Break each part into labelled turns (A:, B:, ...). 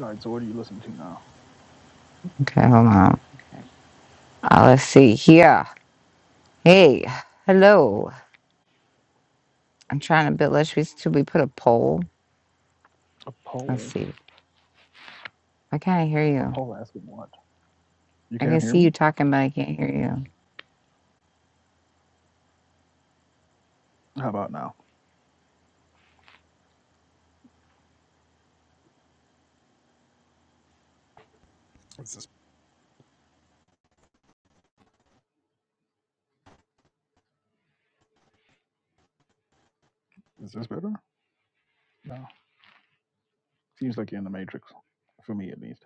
A: All right, so what are you listening to now?
B: Okay, hold on. Uh, let's see here. Hey, hello. I'm trying to build. Let's we- should we put a poll?
A: A poll.
B: Let's see. I can't hear
A: A
B: you.
A: poll asking what? You
B: I can
A: can't hear
B: see
A: me?
B: you talking, but I can't hear you.
A: How about now? Is this Is this better? No. Seems like you're in the matrix. For me, at least.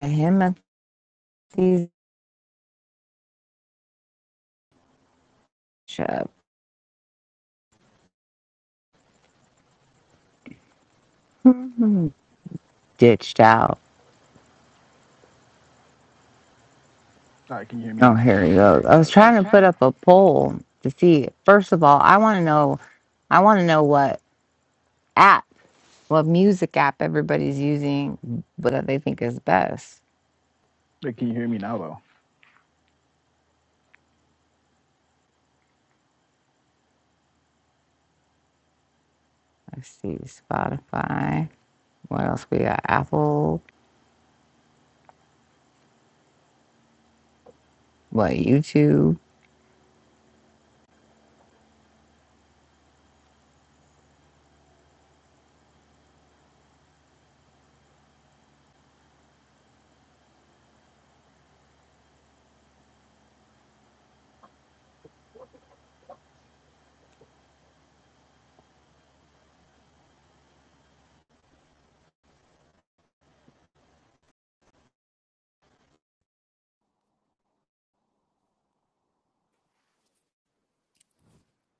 B: Timothy Bishop ditched out.
A: All right, can you hear me
B: Oh,
A: now?
B: here he goes. I was trying to put up a poll to see. First of all, I want to know. I want to know what app, what music app everybody's using, what they think is best.
A: Like, can you hear me now, though?
B: Let's see, Spotify. What else we got? Apple. What YouTube?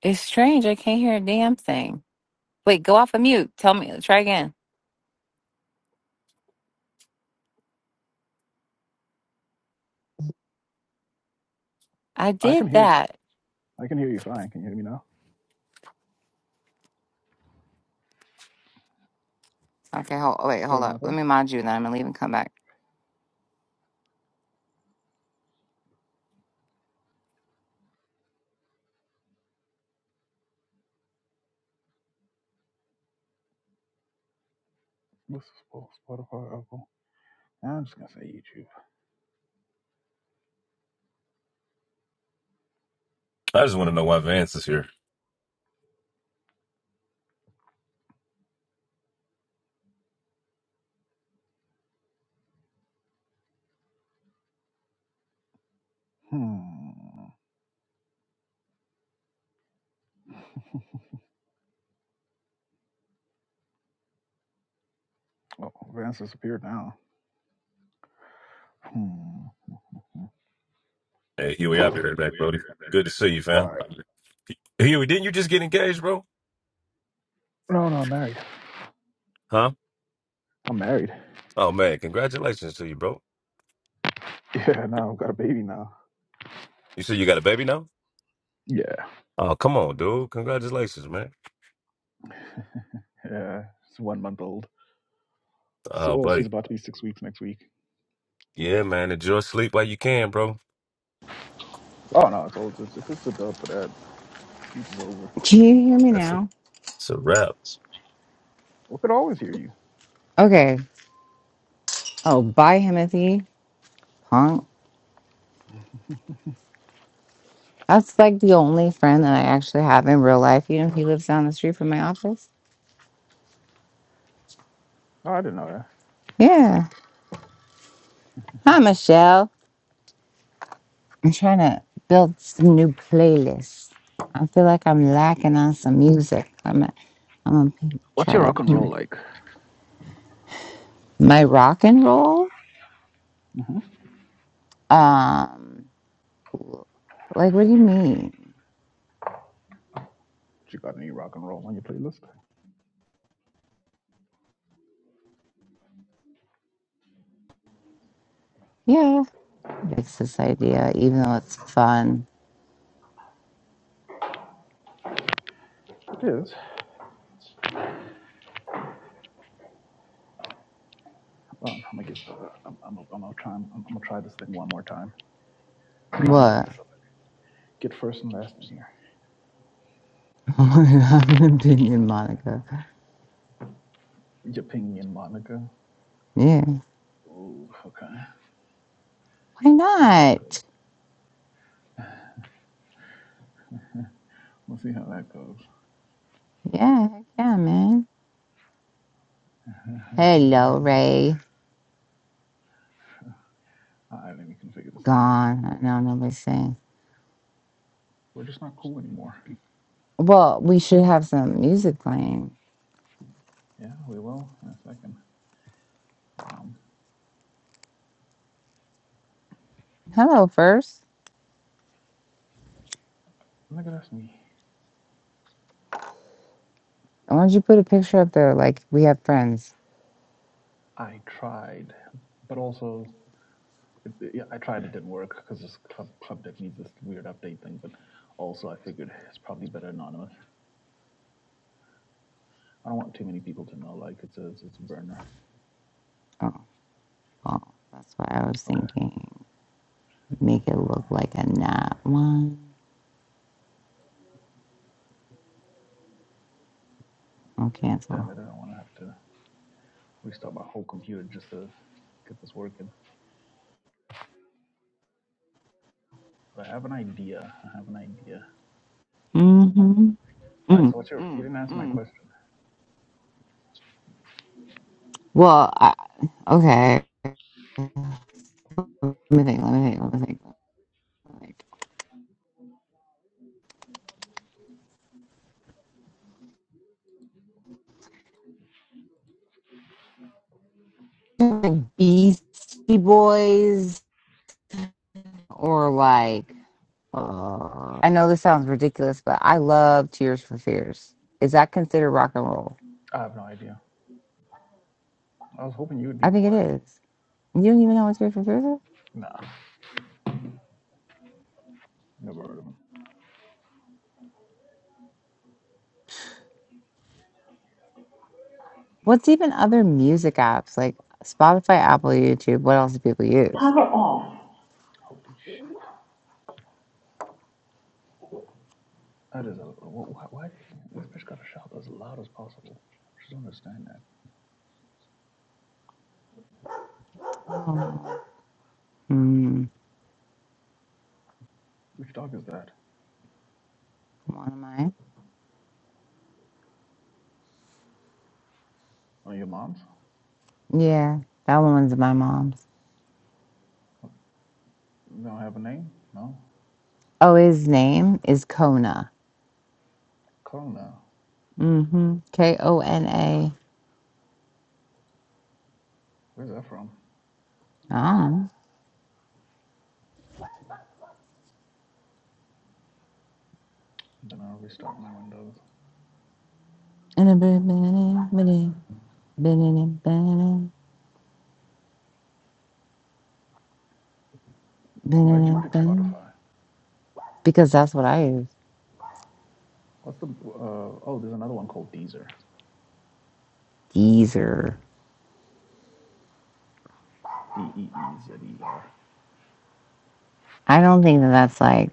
B: It's strange. I can't hear a damn thing. Wait, go off of mute. Tell me. Try again. I
A: I
B: did
A: can hear you.
B: that.
A: I can hear you fine. Can you hear me now?
B: Okay. Hold. Wait.
A: Still
B: Hold up. Let
A: nothing?
B: me mind you. and Then I'm gonna leave and come back.
A: This is Spotify, Apple. Yeah, I'm just going to say YouTube.
C: I just want to know why Vance is here.
A: Hmm. Oh, Vance disappeared now. Hmm.
C: Hey, Huey, I'll
A: All
C: be right back, Brody. Good to see you, fam.
A: right.
C: Huey, didn't you just get engaged, bro?
A: No, no, I'm married.
C: Huh?
A: I'm married.
C: Oh, man, congratulations to you, bro.
A: Yeah, no, I've got a baby now.
C: You said you got a baby now?
A: Yeah.
C: Oh, come on, dude. Congratulations, man.
A: Yeah. It's one month old. So,
C: Oh,
A: well, she's
C: buddy.
A: about to be six weeks next week.
C: Yeah, man, enjoy sleep while you can, bro.
A: Oh no, it's all just it's just a dub for that. Sleep is over.
B: Can you hear me
C: That's a,
B: now?
C: that's a wrap.
A: We could always hear you.
B: Okay. Oh, bye, Himothy. Punk. That's like the only friend that I actually have in real life. You know, he lives down the street from my office.
A: Oh, I didn't know that.
B: Yeah. Hi, Michelle. I'm trying to build some new playlists. I feel like I'm lacking on some music. I'm I'm gonna p-
A: What's
B: try
A: your
B: to.
A: rock and
B: hmm.
A: roll like?
B: My rock and roll?
A: Mm-hmm.
B: Um, like what do you mean?
A: You got any rock and roll on your playlist?
B: Yeah, it's this idea, even though it's fun.
A: It is. Well, I'm gonna get started. I'm, I'm, I'm gonna try. I'm, I'm gonna try this thing one more time. I'll try and get
B: What?
A: this up. Get first and last in here.
B: i have an opinion, Monica.
A: Japingi and Monica.
B: Yeah.
A: Oh, okay.
B: Why
A: See how that goes.
B: not?
A: We'll see how that goes.
B: Yeah, heck yeah, man. Hello, Ray.
A: All right, let me configure this thing.
B: Gone. I know nobody's saying.
A: We're just not cool anymore.
B: Well, we should have some music playing.
A: Yeah, we will in a second. Um.
B: Hello, first.
A: I'm not gonna ask me.
B: Why don't you put a picture up there like we have friends?
A: I tried, but also, it, yeah, I tried. It didn't work because this club club deck needs this weird update thing. But also, I figured it's probably better anonymous. I don't want too many people to know. Like it's a it's, it's a burner.
B: Oh, well, that's what I was
A: Okay.
B: thinking. Make it look
A: Um,
B: like a not one. Oh, cancel.
A: damn it! I don't want to have to restart my whole computer just to get this working. But I have an idea. I have an idea.
B: Mm-hmm.
A: All right.
B: Mm,
A: So what's your? You
B: mm,
A: didn't answer my
B: mm.
A: question.
B: Well, I, okay. Let me think. Let me think. Let me think. Let me think. Like Beastie Boys or like uh, I know this sounds ridiculous, but I love Tears for Fears. Is that considered rock and roll?
A: I have no idea. I was hoping you would
B: I
A: lead the
B: think it
A: way.
B: is. You don't even know what Tears for Fears is?
A: Nah, never heard of him.
B: What's even other music apps like Spotify, Apple, YouTube? What else do people use?
A: Power off. Holy shit. That is a wh- why this bitch gotta shout as loud as possible. I just don't understand that.
B: Mm,
A: Which dog is that?
B: one of mine.
A: Oh, your mom's?
B: Yeah, that one's my mom's.
A: They don't have a name? No.
B: Oh, his name is Kona.
A: Call now.
B: Mm-hmm. K O N A.
A: Where's that from?
B: Oh.
A: Then I'll restart my Windows.
B: And a bit- bit- bit- bit-
A: Why'd you
B: bit- bit-
A: pick
B: bit-
A: Spotify?
B: Because that's what I use.
A: What's the uh, oh? There's another one called Deezer.
B: Deezer.
A: D E E Z E R.
B: I don't think
A: Uh,
B: that that's like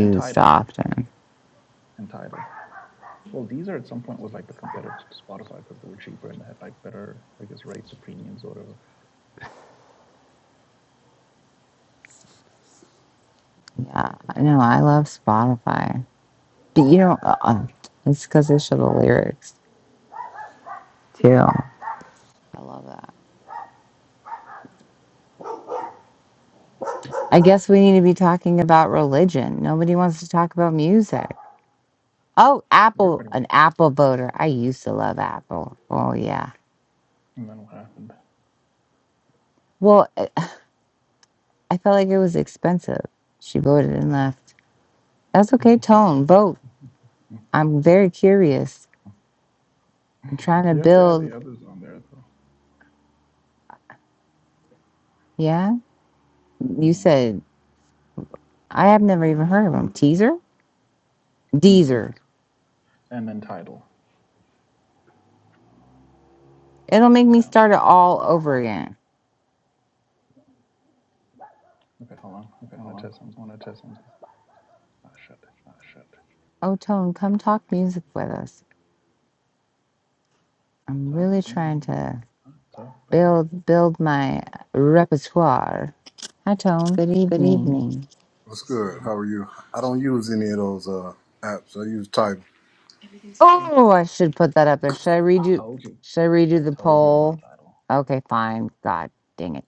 A: And Tidal.
B: often.
A: And Tidal. Well, Deezer at some point was like the competitor to Spotify because they were cheaper and they had like better, I guess, rates or premiums or whatever. Okay, I
B: Yeah.
A: think it might be.
B: No,
A: I
B: I
A: think it
B: love Spotify. But you know, uh, uh, it's because they show the lyrics too. I love that. I guess we need to be talking about religion. Nobody wants to talk about music. Oh, Apple,
A: Everybody.
B: an Apple voter. I used to love Apple. Oh, yeah.
A: And then what happened?
B: Well, I I felt like it was expensive. She voted and left. That's okay, Tone. Vote. I'm very curious. I'm trying to
A: you have to add
B: build.
A: the others on there though.
B: Yeah. You
A: hmm
B: said, I have never even heard of them. Teaser?
A: Deezer
B: Deezer.
A: and then title.
B: It'll make me
A: Okay.
B: start it all over again.
A: Okay, hold on. I want to test something. Oh shit.
B: Oh, Tone, come talk music with us. I'm
A: Talk
B: really
A: to
B: trying
A: me.
B: to
A: I'll talk back.
B: build build my repertoire. Hi, Tone.
D: Good
B: Good
D: evening.
B: evening.
E: What's good? How are you? I don't use any of those uh apps. I use Tidal.
B: Oh, I should put that up there. Should I redo?
A: Told you.
B: Should I
A: I
B: redo the
A: told you about
B: poll?
A: title.
B: Okay, fine. God dang it!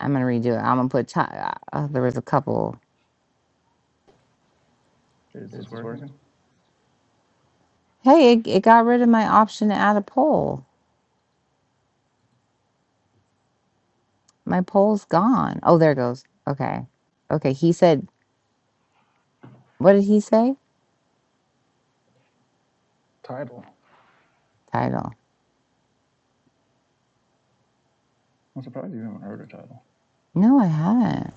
B: I'm gonna redo it. I'm gonna put. Ty- uh, there was a couple.
A: Is this working?
B: Hey, it, it got rid of my option to add a poll. My poll's gone. Oh, there it goes. Okay, okay. He said, "What did he say?"
A: Title.
B: Title.
A: I'm surprised you haven't heard a title.
B: No, I haven't.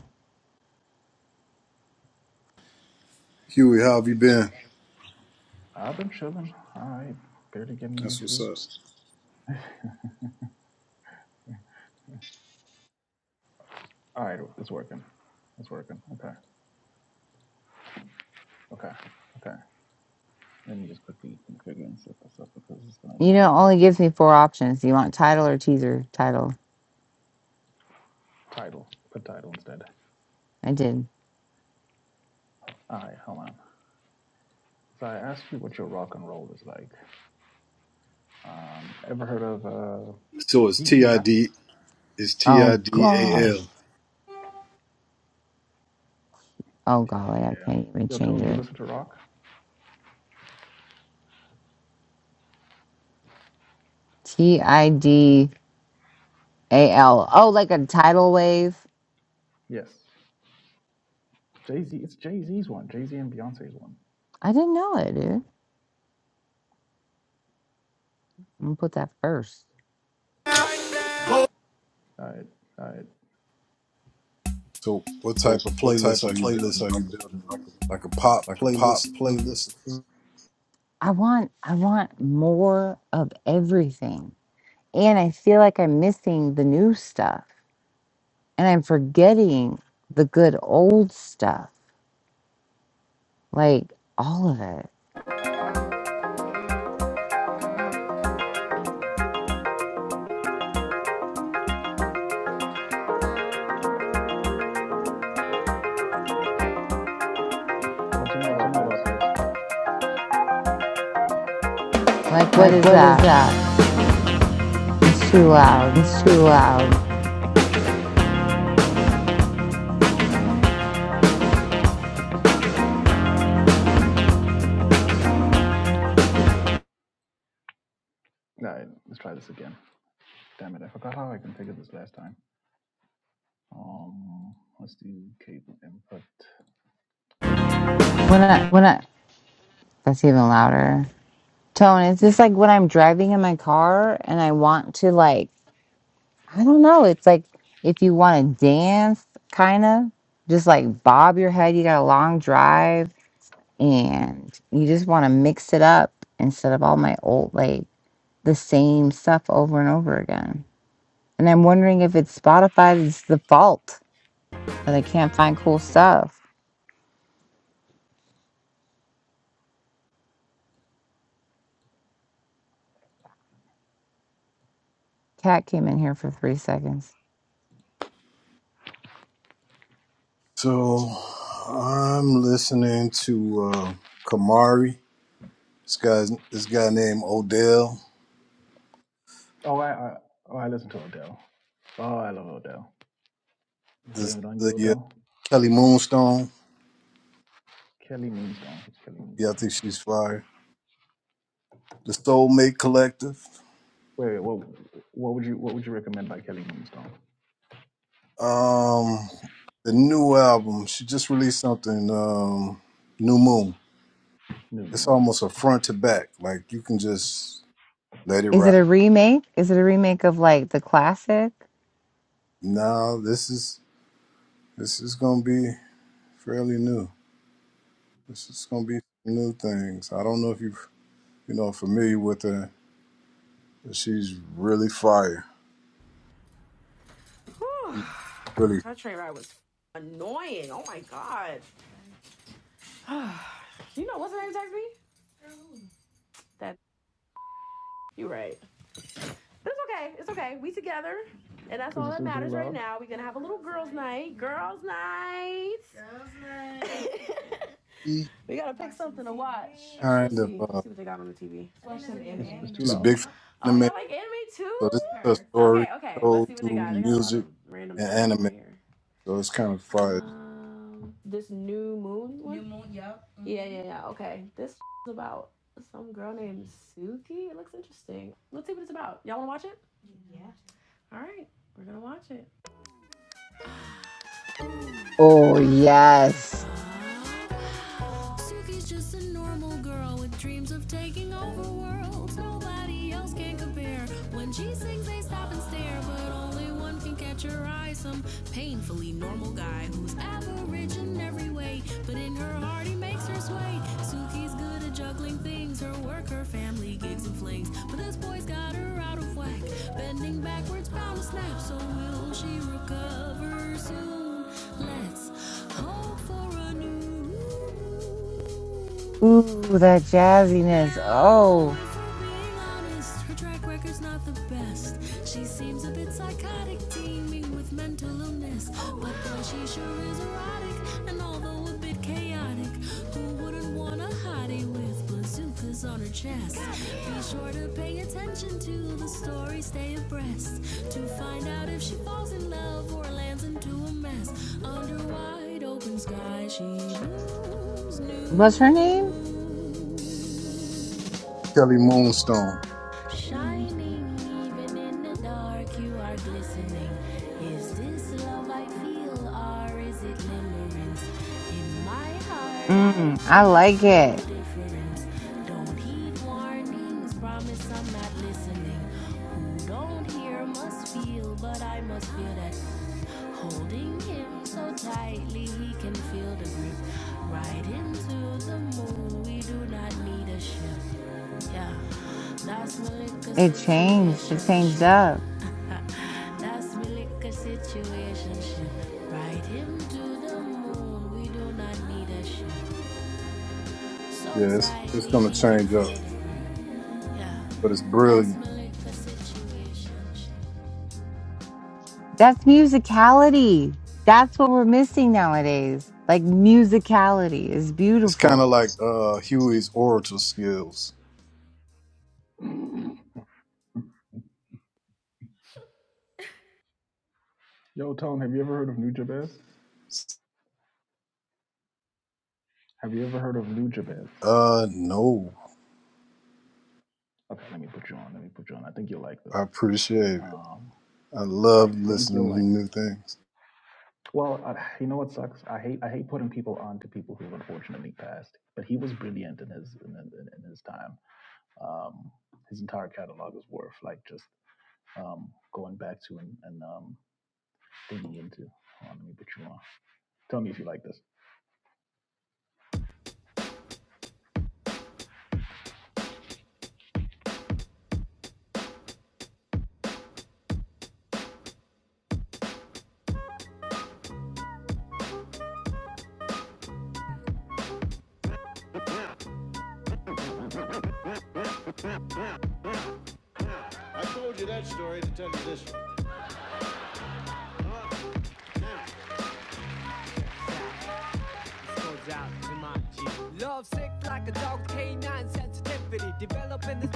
E: Huey, how have you been?
A: I've been chilling. All right. Barely getting any
E: That's what's
A: sleep.
E: up.
A: All right. It's working. It's working. Okay. Okay. Okay. Let me just quickly configure and set this up because it's going to
B: You
A: annoy
B: know, it only
A: everybody.
B: gives me four options. Do you want title or teaser? Title.
A: Title. Put title instead.
B: I did.
A: All right, hold on. So I asked you what your rock and roll is like. Um, ever heard of, uh,
E: So it's
A: you,
E: T
A: you
E: I
A: have
E: D. It's T
B: Oh
E: I D A L.
B: gosh. Oh
A: the
B: golly, I
A: idea.
B: can't even
A: Yo,
B: change
A: Tone, you
B: it.
A: listen to rock?
B: T I D. A L. Oh, like a tidal wave.
A: Yes. Jay Z, it's Jay Z's one. Jay Z and Beyonce's one.
B: I didn't know it, dude. I'm gonna put that first.
A: All right.
E: So what type of playlist are you building? Like a, like a pop playlist? or something?
B: I want I want more of everything. And I feel like I'm missing the new stuff. And I'm forgetting the good old stuff. Like all of it.
A: What you know about this?
B: Like what
D: Like,
B: is
D: what is
B: that?
D: that?
B: It's too loud.
D: It's too loud.
A: All right, let's try this again. Damn it, I forgot how I configured this last time. Um, let's do cable input.
D: When
A: How's
D: I,
A: this?
B: When I that's even
A: Mm-hmm.
B: louder. Tone, it's
A: It's
B: just
A: even
B: like
A: louder.
B: when I'm driving in my car and I want to like I don't know. It's like if you want to dance, kind of just like bob your head. You got a long drive and you just want to mix it up instead of all my old, like the same stuff over and over again. And I'm wondering if it's Spotify that's the fault that I can't find cool stuff. Cat came in here for three seconds.
E: So I'm listening to uh Kamari. This guy's this guy named Odell.
A: Oh, I, I, oh, I listen to Adele. Oh, I love Odell.
E: This
A: Blame it on you,
E: the uh,
A: Odell.
E: Kelly Moonstone.
A: Kelly Moonstone. It's Kelly
E: Yeah, I think
A: Moonstone.
E: she's fire. The Soulmate Collective.
A: Wait, wait, what, what would you what would you recommend by Kelly Moonstone?
E: Um, the new album. She just released something. Um, New Moon.
A: New
E: It's
A: Moon.
E: almost a front to back. Like you can just let it
B: Is it
E: ride.
B: a remake? Is it a remake of like the classic?
E: Now this is this is gonna be fairly new. This is gonna be new things. I don't know if you you know familiar with her. But she's really fire. She's really
A: Is it still too loud?
E: she kind of. Uh,
A: Is it's too
E: she's a
A: loud?
E: big fan of anime. So this is her story told through music and anime. So it's kind of fire.
B: Oh, yes. Ooh, that jazziness. Oh, what's her name?
E: Kelly Moonstone.
A: Kelly Moonstone.
B: Mm, I like it. It changed. It changed up.
E: Yeah, it's, it's gonna change up, but it's brilliant.
B: That's musicality. That's what we're missing nowadays. Like musicality is
E: It's kind
B: beautiful.
E: of like uh Huey's orator skills.
A: Yo, Tone, have you ever heard of New Jabez? Have you ever heard of New Jabez?
E: Uh, no,
A: Okay, let me put you on. Let me put you on. I think you'll like this.
E: I appreciate it.
A: Um,
E: I
A: I
E: love
A: think you'll
E: listening to
A: like
E: new
A: this.
E: things.
A: Well, I, you know what sucks? I hate I hate putting people on to people who've unfortunately passed. But he was brilliant in his in, in, in his time. um, his entire catalog is worth like just um, going back to and, and um, digging into. Hold on, let me put you on. Tell me if you like this.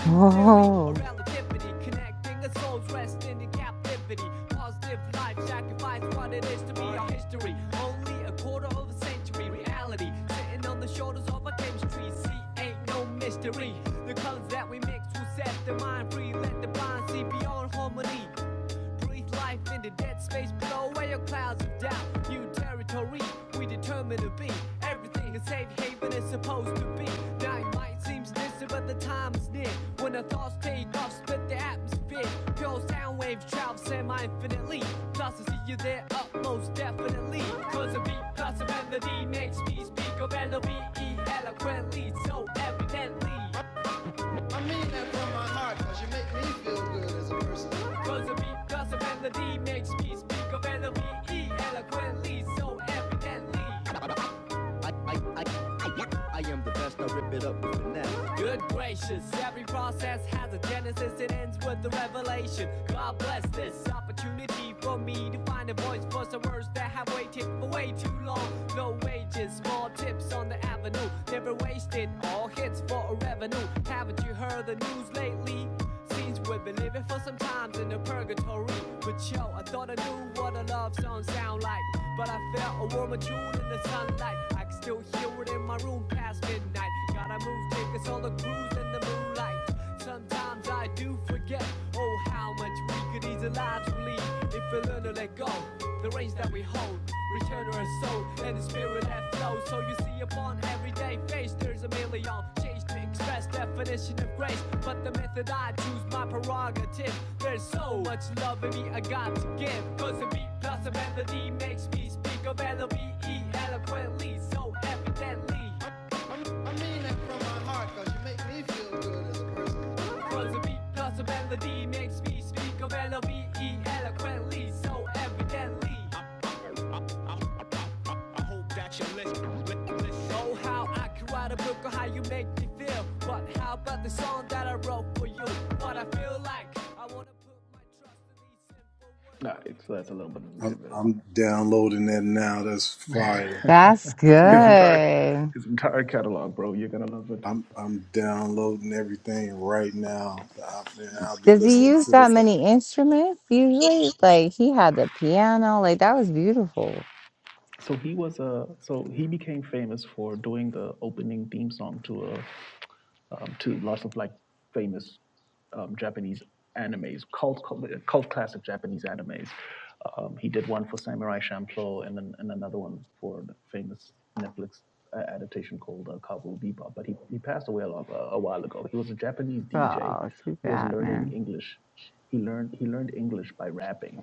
B: Oh,
A: All right, so that's a little bit of new shit,
E: I'm
A: but
E: I'm downloading that now. That's fire.
B: that's
A: his entire
B: good.
A: his entire catalog, bro. You're gonna love it.
E: I'm I'm downloading everything right now. I- Man, I'll be
B: Does he
E: listening
B: use
E: to
B: that
E: this.
B: many instruments usually? Like he had the piano. Like that was beautiful.
A: So he was a uh, so he became famous for doing the opening theme song to a um, to lots of like famous um, Japanese animes, cult, cult cult classic Japanese animes. Um, he did one for Samurai Champloo and then and another one for the famous Netflix uh, adaptation called uh, Cowboy Bebop. But he, he passed away a, long, uh, a while ago. He was a Japanese DJ
B: Oh, too
A: who was
B: bad,
A: learning
B: man.
A: English. He learned he learned English by rapping,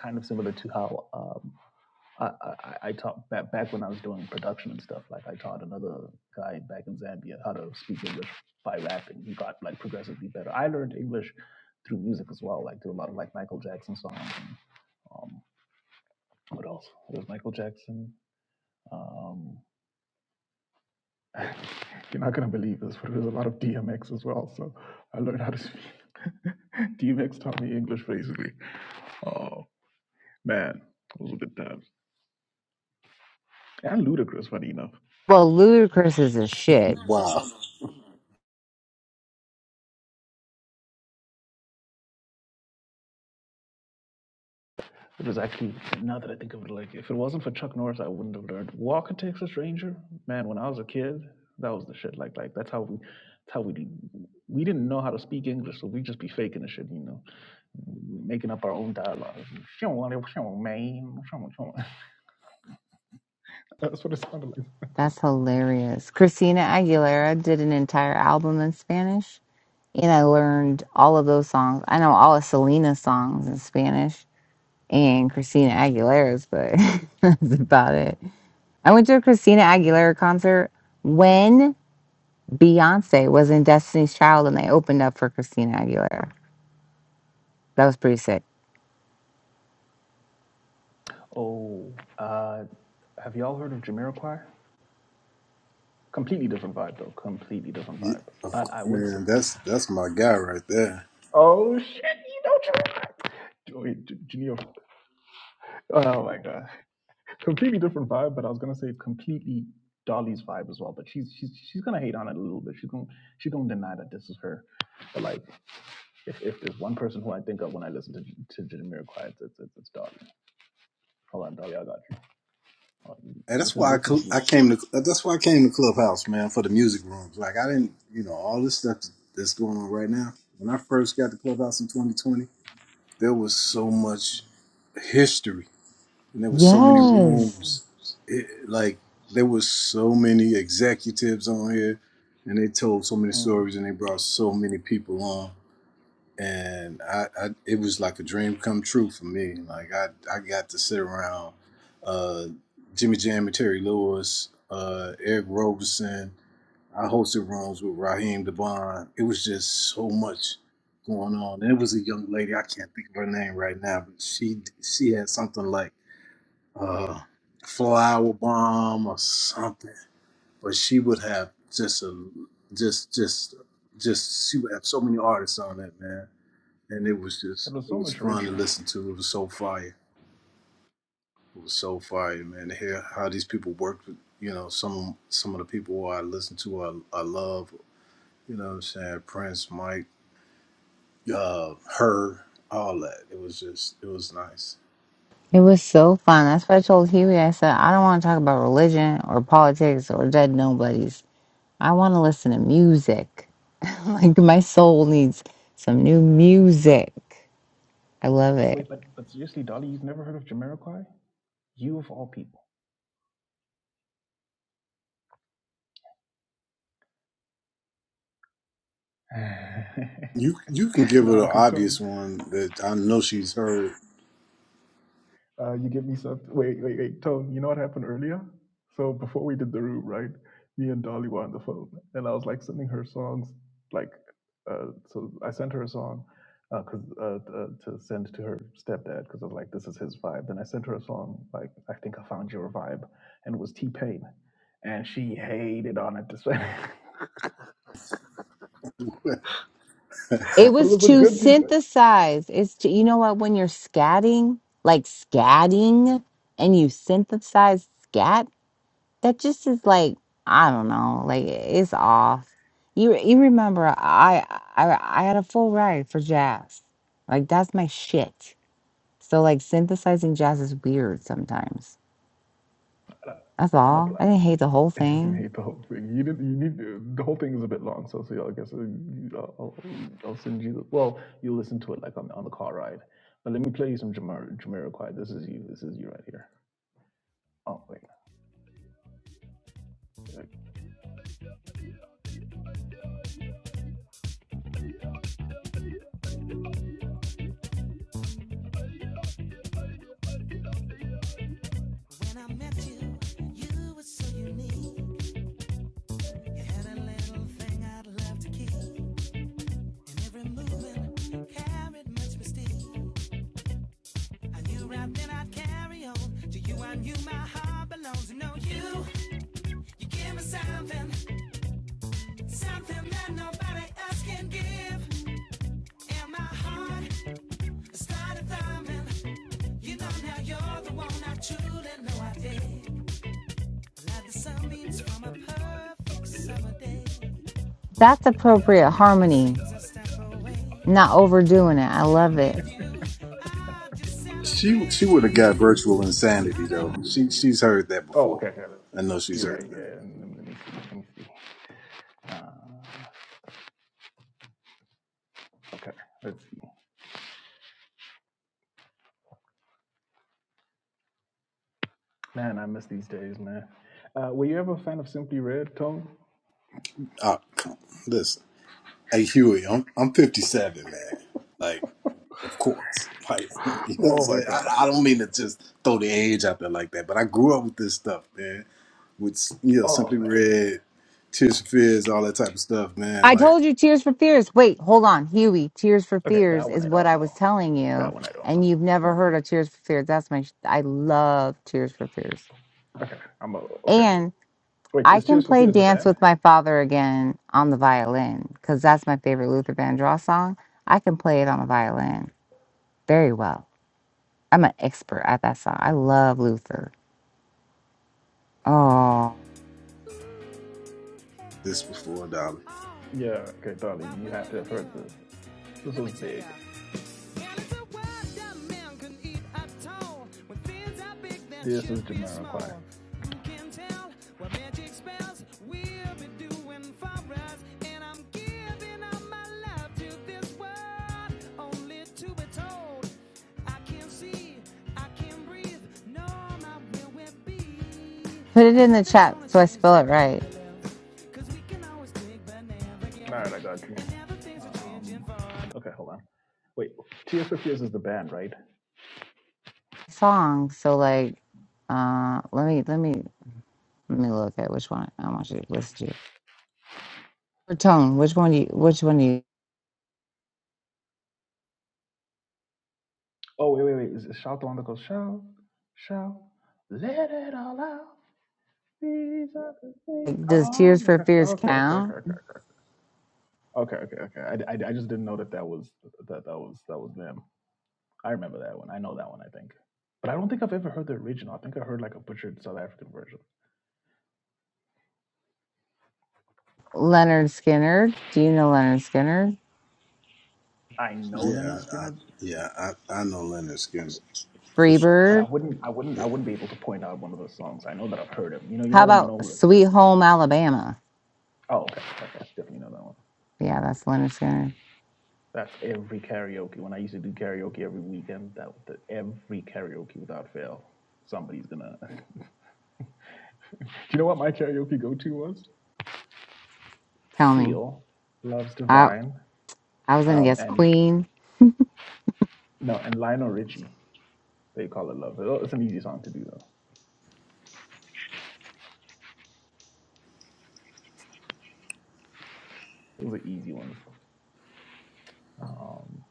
A: kind of similar to how um, I, I, I I taught back, back when I was doing production and stuff. Like I taught another guy back in Zambia how to speak English by rapping. He got like progressively better. I learned English through music as well, like through a lot of like Michael Jackson songs. And, um, what else? It was Michael Jackson. Um, you're not gonna believe this, but it was a lot of DMX as well. So I learned how to speak. DMX taught me English basically. Oh man, it was a good time. And ludicrous, funny enough.
B: Well, Ludacris is a shit.
E: Wow,
A: It was actually now that I think of it, like if it wasn't for Chuck Norris, I wouldn't have learned Walk a Texas Ranger. Man, when I was a kid, that was the shit. Like, like that's how we, that's how we, we didn't know how to speak English, so we just be faking the shit, you know, making up our own dialogue. That's what it sounded like.
B: That's hilarious. Christina Aguilera did an entire album in Spanish. and I learned all of those songs. I know all of Selena's songs in Spanish and Christina Aguilera's, but that's about it. I went to a Christina Aguilera concert when Beyonce was in Destiny's Child and they opened up for Christina Aguilera. That was pretty sick.
A: Oh, uh, have y'all heard of Jamiroquai? Completely different vibe, though. Completely different
E: Yeah,
A: vibe. But I would say,
E: man, that's that's my guy right there.
A: oh shit, you know, Jamiroquai. Oh my god. completely different vibe, but I was gonna say completely Dolly's vibe as well. But she's she's she's gonna hate on it a little bit. She's gonna she's gonna deny that this is her. But like, if if there's one person who I think of when I listen to to Jamiroquai, it's it's, it's it's Dolly. Hold on, Dolly, I got you. Hold on.
E: And
A: This
E: that's
A: is
E: why I,
A: this is
E: cl- I
A: you.
E: came to that's why I came to Clubhouse, man, for the music rooms. Like I didn't, you know, all this stuff that's going on right now. When I first got to Clubhouse in 2020, there was so much history, and there was so many
B: Yes.
E: rooms. It, like there was so many executives on here, and they told so many
A: Mm.
E: stories, and they brought so many people on and I, I it was like a dream come true for me. Like I I got to sit around uh, Jimmy Jam and Terry Lewis, uh, Eric Roberson. I hosted rooms with Raheem Debon. It was just so much going on. And it was a young lady. I can't think of her name right now, but she she had something like uh, flower bomb or something. But she would have just a just just just she would have so many artists on it, man and it was just
A: It was
E: it
A: so
E: was
A: much
E: fun to
A: richer.
E: listen to. It was so fire. It was so fire, man. To hear how these people worked, you know, some some of the people I listen to, I, I love, you know, what I'm saying Prince, Mike, uh, her, all that. It was just it was nice.
B: It was so fun. That's what I told Huey. I said, I don't want to talk about religion or politics or dead nobodies. I want to listen to music. like, my soul needs some new music. I love it.
A: Wait, but but seriously, Dolly, you've never heard of Jamiroquai? You of all people.
E: You you can give her
A: no,
E: the
A: because Tom,
E: obvious one that I know she's heard.
A: Uh, you give me something. Wait, wait, wait. Tone, you know what happened earlier? So before we did the room, right? Me and Dolly were on the phone, and I was like sending her songs. Like, uh, so I sent her a song because uh, 'cause, uh, t- uh, to send to her stepdad because I was like, this is his vibe. Then I sent her a song like I think I found your vibe, and it was T Pain, and she hated on it. To say,
B: It
A: but it
B: was
A: was a
B: to
A: good T Pain.
B: synthesize. It's to you know what when you're scatting, like scatting, and you synthesize scat. That just is like I don't know. Like it's off. You you remember I I I had a full ride for jazz. Like that's my shit. So like synthesizing jazz is weird sometimes. That's
A: I'm a player.
B: all. I didn't hate the whole thing.
A: hate the whole thing. You didn't. You need to- the whole thing is a bit long, so so yeah, I guess uh, I'll, I'll, I'll send you. The, well, you listen to it like on the on the car ride. But let me play you some Jamar Jamiroquai. This is you. This is you right here. Oh wait. wait.
B: That's appropriate harmony. Not overdoing it. I love it.
E: She she would have got virtual insanity though. She she's heard that
A: Oh
E: before.
A: okay. okay.
E: I know she's
A: You're right.
E: heard that.
A: Yeah. Let me, let me see. Let me see. Uh, okay. Let's see. Man, I miss these days, man. Uh, were you ever a fan of Simply Red, Tone?
E: Oh, come, on, listen, hey Huey, I'm I'm 57, man. Like. Of course. Like, you know what I'm
A: Oh my
E: saying? I,
A: gosh.
E: I don't mean to just throw the age out there like that, but I grew up with this stuff, man. With, you know,
A: Oh
E: Simply
A: man.
E: Red, Tears for Fears, all that type of stuff, man.
B: I
E: Like,
B: told you Tears for Fears. Wait, hold on, Huey. Tears for
A: Okay, that
B: Fears
A: one
B: is
A: I
B: what
A: don't
B: I was
A: know.
B: telling
A: That
B: you,
A: one I don't
B: and
A: know.
B: you've never heard of Tears for Fears. That's my. Sh- I love Tears for Fears,
A: Okay, I'm a, okay.
B: and
A: Wait,
B: I
A: is
B: can
A: Tears for
B: play
A: Fears the
B: Dance
A: band?
B: with My Father again on the violin because that's my favorite Luther Vandross song. I can play it on the violin very well. I'm an expert at that song. I love Luther. Oh,
E: this before a dollar.
A: Yeah, okay, Dolly, you have to have heard this. This was big. This is Jamiroquai.
B: put it in the chat so I spell it right.
A: All right, I got you. Um, okay, hold on. Wait, Tears for Fears is the band, right?
B: Song. So like, uh, let me let me. Let me look at which one I want you to list you. Or Tone, which one do you which one do you
A: Oh, wait, wait, wait. Is it Shout the one that goes, Shout, Shout, let it all out. These are the things.
B: like, does
A: Oh
B: Tears for
A: my gosh.
B: Fears
A: Okay, okay, okay, okay,
B: count?
A: okay, okay, okay, okay. okay. I, I, I just didn't know that that was that that was that was them. I remember that one. I know that one. I think, but I don't think I've ever heard the original. I think I heard like a butchered South African version.
B: Leonard Skinner. Do you know Leonard Skinner?
A: I know Leonard
E: Yeah, I,
A: Skinner,
E: yeah, I, I know Leonard Skinner. For sure.
A: but I
B: Freebird.
A: wouldn't. I wouldn't.
E: Yeah,
A: I wouldn't be able to point out one of those songs. I know that I've heard them. You know. You know
B: How
A: when you
B: about
A: know. the-
B: Sweet Home Alabama?
A: Oh, okay. okay. Definitely know that one.
B: Yeah, that's Leonard Skinner.
A: That's every karaoke. When I used to do karaoke every weekend, that that every karaoke without fail, somebody's gonna. do you know what my karaoke go-to was?
B: Tell me.
A: Seal, Love's
B: I
A: Divine,
B: I was gonna
A: um,
B: guess
A: and
B: Queen.
A: no, and Lionel Richie. They call it Love. It's an easy song to do though. It was an easy one. Um,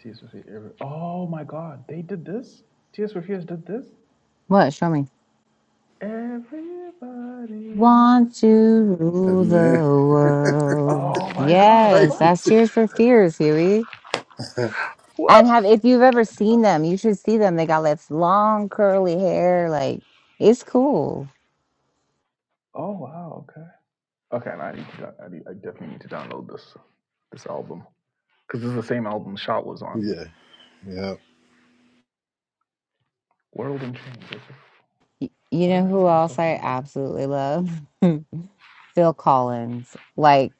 A: T.S. Swift. Every- oh my God, they did this. T.S. fears did this.
B: What? Show me.
A: Everybody
B: Want
A: wants to
B: to
E: Yeah,
B: rule
A: be
B: the
E: man.
A: home.
B: world.
A: Oh my God,
E: Like,
B: Yes,
A: what?
B: that's Tears for Fears, Huey.
E: yeah,
A: What?
B: And have if you've ever
A: I did not
B: seen
A: know.
B: them, you should see them. They got this long curly hair, like it's cool.
A: Oh wow, okay. Okay, and I need to, do- I, need, I definitely need to download this this album because this is the same album Shot was on.
E: yeah.
A: World in Chains. is it-
B: You
A: Why does
B: know
A: that
B: who
A: sound so
B: else I
A: familiar?
B: absolutely love? Phil Collins. Like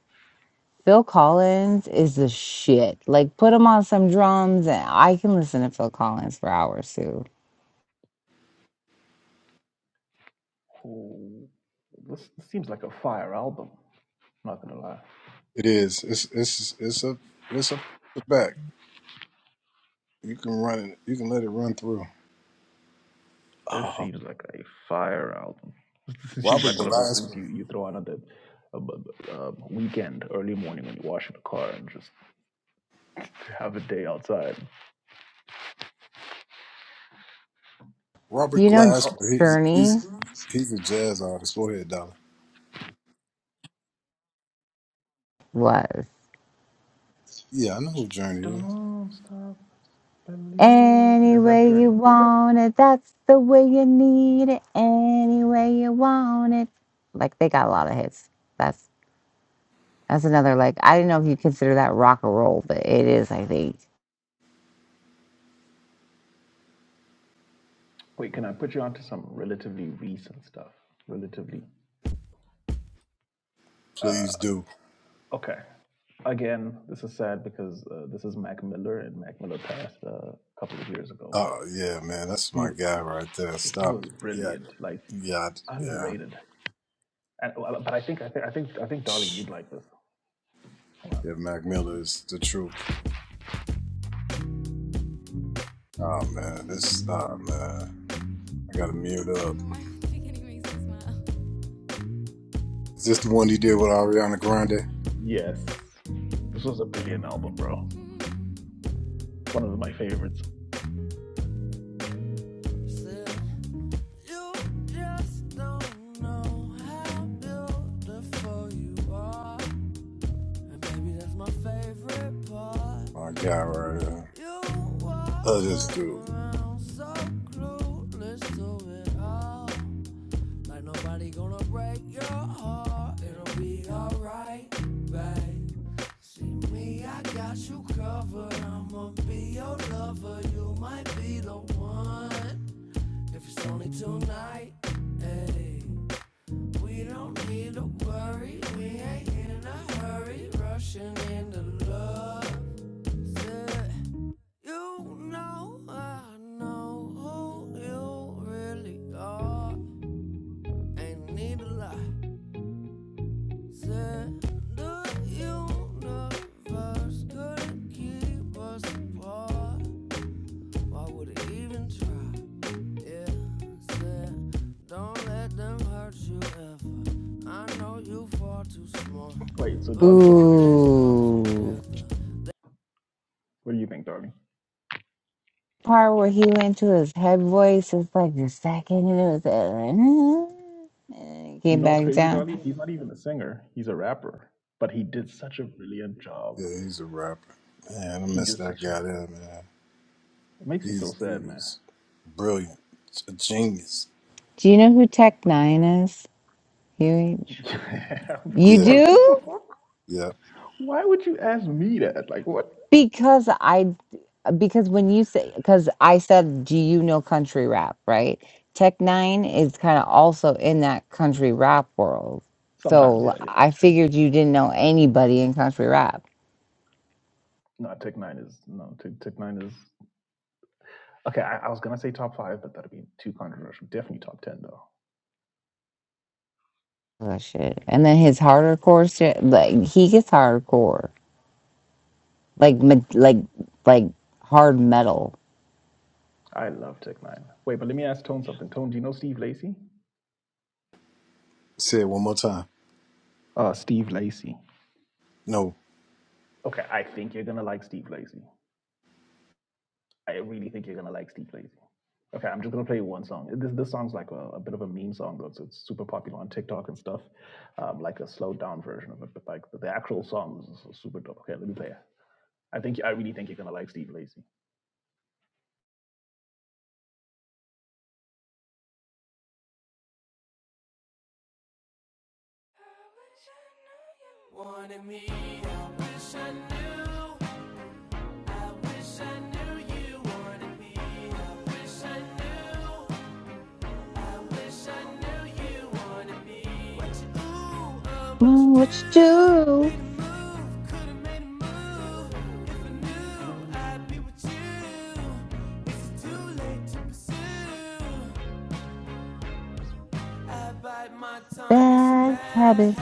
B: Phil Collins is the shit. Like put him on some drums and I can listen to Phil Collins for hours too.
A: Oh, this, this seems like a fire album. I'm not gonna lie.
E: It is. It's it's it's a it's a back. You can run it. You can let it run through.
A: This
E: Oh,
A: seems like a fire album. This seems
E: Robert
A: like one of those things
E: Glasper.
A: you, you throw on at the uh, uh, weekend, early morning when you wash the car and just have a day outside.
B: Do
E: Robert
B: you know J-
A: Oh,
E: Glasper, he's
B: Journey
E: he's he's a jazz artist. Go ahead, Dollar.
B: was?
E: Yeah, I know who Journey is.
A: don't stop believing.
B: Any
A: Is that
B: way you
A: Journey?
B: want it, that's the way you need it. Any way you want it. Like they got a lot of hits. That's. That's another like I didn't know if you consider that rock and roll, but it is, I think.
A: Wait, can I put you onto some relatively recent stuff? Relatively. Uh,
E: Please do.
A: okay. Again, this is sad because uh, this is Mac Miller, and Mac Miller passed uh, a couple of years ago, but
E: Oh yeah, man, that's
A: he
E: my guy right there.
A: he
E: Stop
A: was
E: it. Yeah,
A: brilliant, like
E: yeah, yeah.
A: underrated. And, but I think I think I think I think Dolly,
E: Shh.
A: you'd like this. Hold
E: Yeah, Mac Miller
A: on.
E: is the truth. Oh man, this. Oh man, I gotta mute up. Is this the one he did with Ariana Grande?
A: Yes, this was a
E: Yeah,
A: brilliant album, bro. One of my favorites.
E: my guy right there. Oh, this dude.
A: Wait, so Dolly, what you think?
B: Ooh.
A: What do you think, Dolly?
B: Part where he went to his head voice is like the second and it was that and it
A: You
B: came
A: know what's
B: back
A: crazy,
B: down.
A: Dolly? He's not even a singer. He's a rapper, but he did such a brilliant job.
E: Yeah, he's a rapper. Man, I
A: He
E: miss
A: did
E: that
A: such a.
E: guy
A: It
E: there, man.
A: makes me so
E: He's he
A: sad, man.
E: was brilliant, a genius.
B: Do you know who Tech Nine is, Huey?
A: yeah, of
B: You
E: Yeah.
A: course. What
B: do?
A: the fuck?
E: Yeah.
A: Why would you ask me that? Like what?
B: Because I, because when you say, because I said, do you know country rap, right? Tech Nine is kind of also in that country rap world.
A: Sometimes,
B: So
A: yeah,
B: l-
A: yeah,
B: I
A: that's true.
B: figured you didn't know anybody in country rap.
A: No, Tech Nine is no Tech, Tech Nine is Okay, I, I was gonna say top five, but that'd be too controversial. Definitely top ten though.
B: Oh, shit. And then his hardcore shit, like he gets hardcore, like me- like like hard metal.
A: I love Tech Nine. Wait, but let me ask Tone something. Tone, do you know Steve Lacy?
E: Say it one more time.
A: Uh, Steve Lacy.
E: No.
A: Okay, I think you're gonna like Steve Lacy. I really think you're gonna like Steve Lacy. Okay, I'm just gonna play one song. This this song's like a, a bit of a meme song though, so it's super popular on TikTok and stuff. Um, like a slowed down version of it, but like the, the actual song is super dope. Okay, let me play it. I think I really think you're gonna like Steve Lacy.
B: Mm, What you do? Bad habits.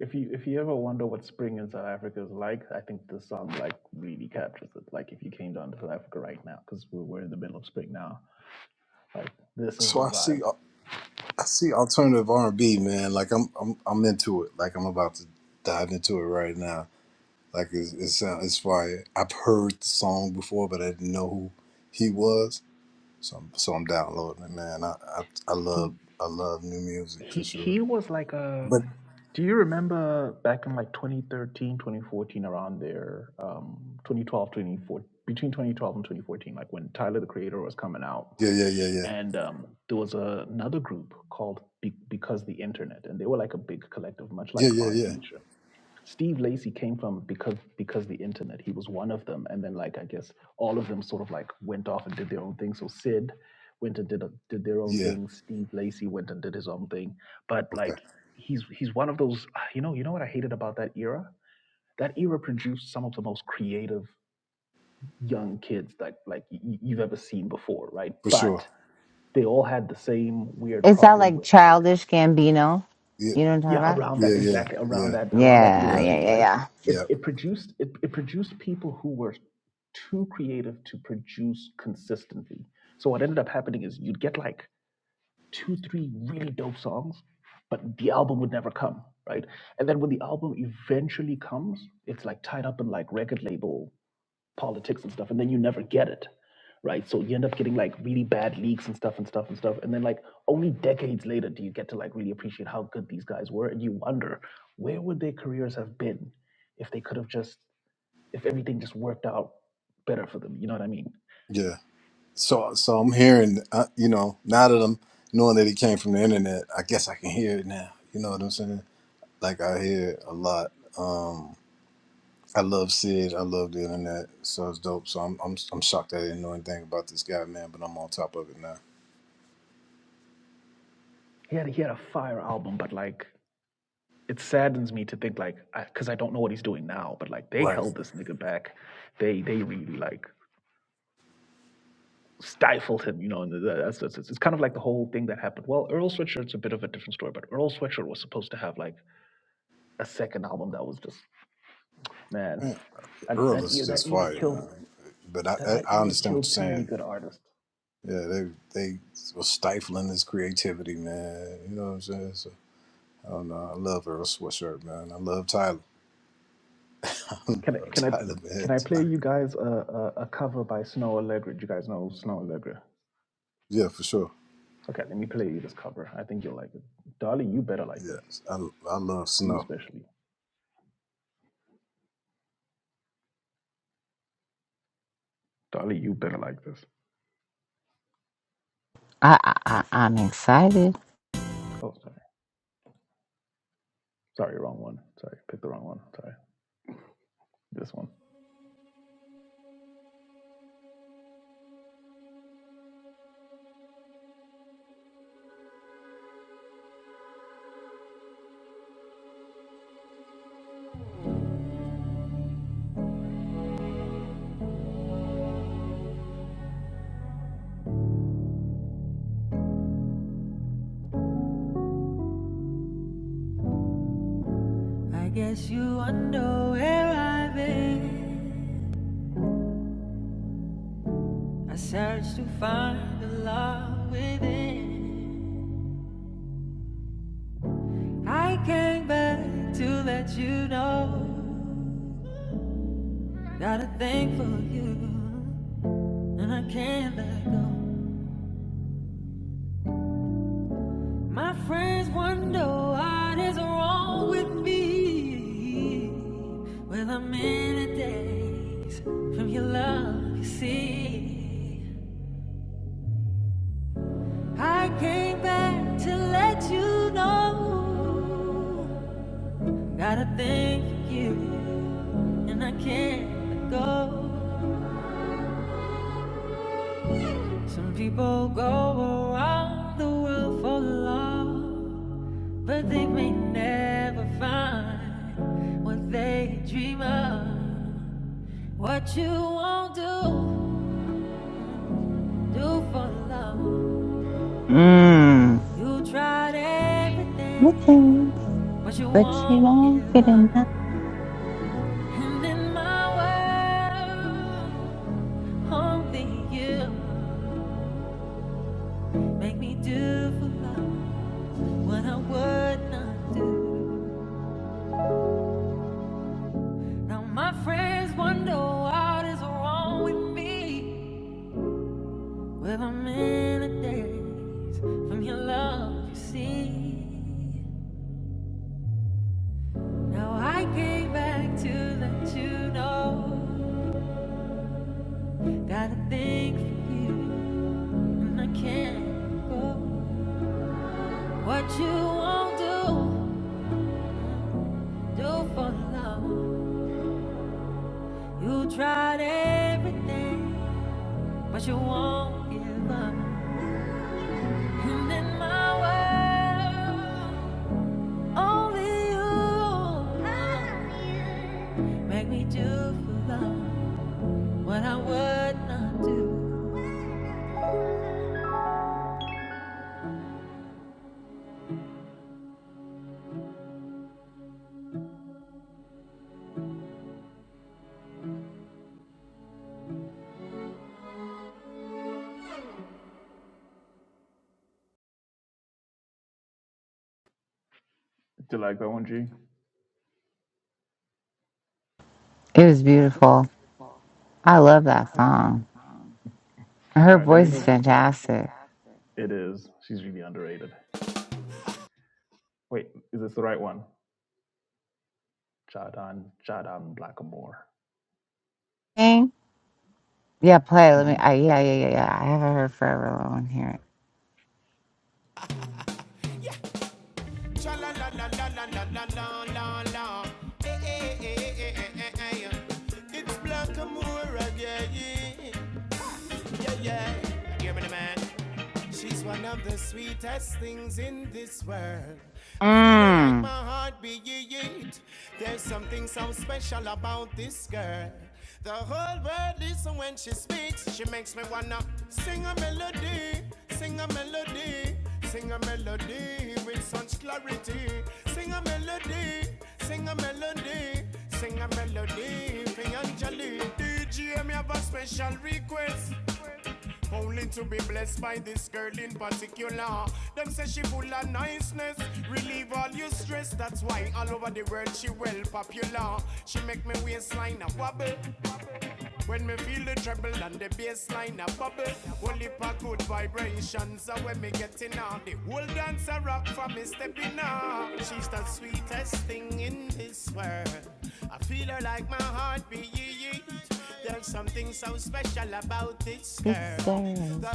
A: If you if you ever wonder what spring in South Africa is like, I think this song like really captures it. Like if you came down to South Africa right now, because we're, we're in the middle of spring now, like this is
E: So
A: the
E: I see
A: vibe.
E: I see alternative R and B, man. Like I'm I'm I'm into it. Like I'm about to dive into it right now. Like it's It's. sound it's fire. I've heard the song before, but I didn't know who he was. So I'm, so I'm downloading it, man. I, I I
A: He
E: love I love new music for
A: he
E: sure.
A: he was like a.
E: But
A: Do you remember back in like 2013, 2014, around there, um, 2012, between 2012 and 2014, like when Tyler the Creator was coming out,
E: yeah, yeah, yeah, yeah,
A: and um, there was a, another group called Be- Because the Internet, and they were like a big collective, much
E: yeah,
A: like
E: yeah,
A: Odd
E: yeah,
A: Future. Steve Lacy came from because because the internet. He was one of them, and then like I guess all of them sort of like went off and did their own thing. So Sid went and did a, did their own
E: yeah.
A: thing. Steve Lacy went and did his own thing. But
E: Okay,
A: like he's he's one of those. You know you know what I hated about that era. That era produced some of the most creative young kids that like y- you've ever seen before, right?
E: for sure.
A: But they all had the same weird
B: Is that
A: problem
B: like
A: with like
B: childish Gambino?
E: Yeah,
B: You know what I'm talking
A: yeah
B: about?
A: around
E: yeah,
A: that
E: yeah,
A: exactly around
E: yeah,
A: that around that
B: Yeah,
A: era
E: yeah,
B: yeah,
A: too
B: yeah,
A: right
B: yeah.
A: it,
E: yeah,
A: it produced it, it produced people who were too creative to produce consistently so what ended up happening is you'd get like two three really dope songs but the album would never come right and then when the album eventually comes it's like tied up in like record label politics and stuff, and then you never get it, right? So you end up getting like really bad leaks and stuff and stuff and stuff, and then like only decades later do you get to like really appreciate how good these guys were, and you wonder where would their careers have been if they could have just if everything just worked out better for them. You know what I mean?
E: yeah. So, so I'm hearing, uh, you know, now that I'm knowing that it came from the internet, I guess I can hear it now. You know what I'm saying? Like I hear it a lot. Um, I love Sid. I love the internet. So it's dope. So I'm, I'm, I'm shocked I didn't know anything about this guy, man. But I'm on top of it now.
A: He had he had a fire album, but like it saddens me to think like because I, 'cause I don't know what he's doing now, but like they
E: Right.
A: held this nigga back. They they really like. stifled him, you know, and that's, that's, it's kind of like the whole thing that happened. Well, Earl Sweatshirt's a bit of a different story, but Earl Sweatshirt was supposed to have like a second album that was just man,
E: Man,
A: and
E: Earl
A: that
E: is
A: era that
E: just
A: era
E: fire,
A: killed
E: man. But I,
A: that that
E: I, I
A: era
E: understand what
A: killed
E: you're
A: too many
E: saying.
A: good artists.
E: Yeah, they, they were stifling his creativity, man. You know what I'm saying? So I don't know. I love Earl Sweatshirt, man. I love Tyler. I love
A: Can I can I
E: Tyler,
A: can I
E: man.
A: play you guys a, a, a cover by Snow Allegra? Do you guys know Snow Allegra?
E: Yeah, for sure.
A: Okay, let me play you this cover. I think you'll like it. Dolly, you better like this.
E: Yes, I, I love
A: You
E: snow.
A: especially. Dolly, you better like this.
B: I, I, I I'm excited.
A: Oh, sorry. Sorry, wrong one. Sorry, picked the wrong one. Sorry. This one.
B: Mm. Okay, but you will not get enough.
A: Do you like that one, G?
B: It was beautiful. I love that song. Her
A: All right, let me
B: voice is
A: know. Her
B: fantastic.
A: It is. She's really underrated. Wait, is this the right one? Jadan, Jadan Blackamore.
B: Okay. Yeah, play. it. Let me.
A: hmm
B: I, yeah, yeah, yeah, yeah. I haven't heard forever. I want to hear it. Mm. This girl.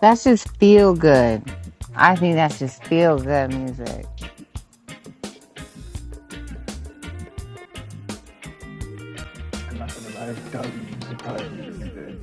B: That's just feel good. I think that's just feel good music.
A: I'm not gonna lie, Dolly, you surprise me every day.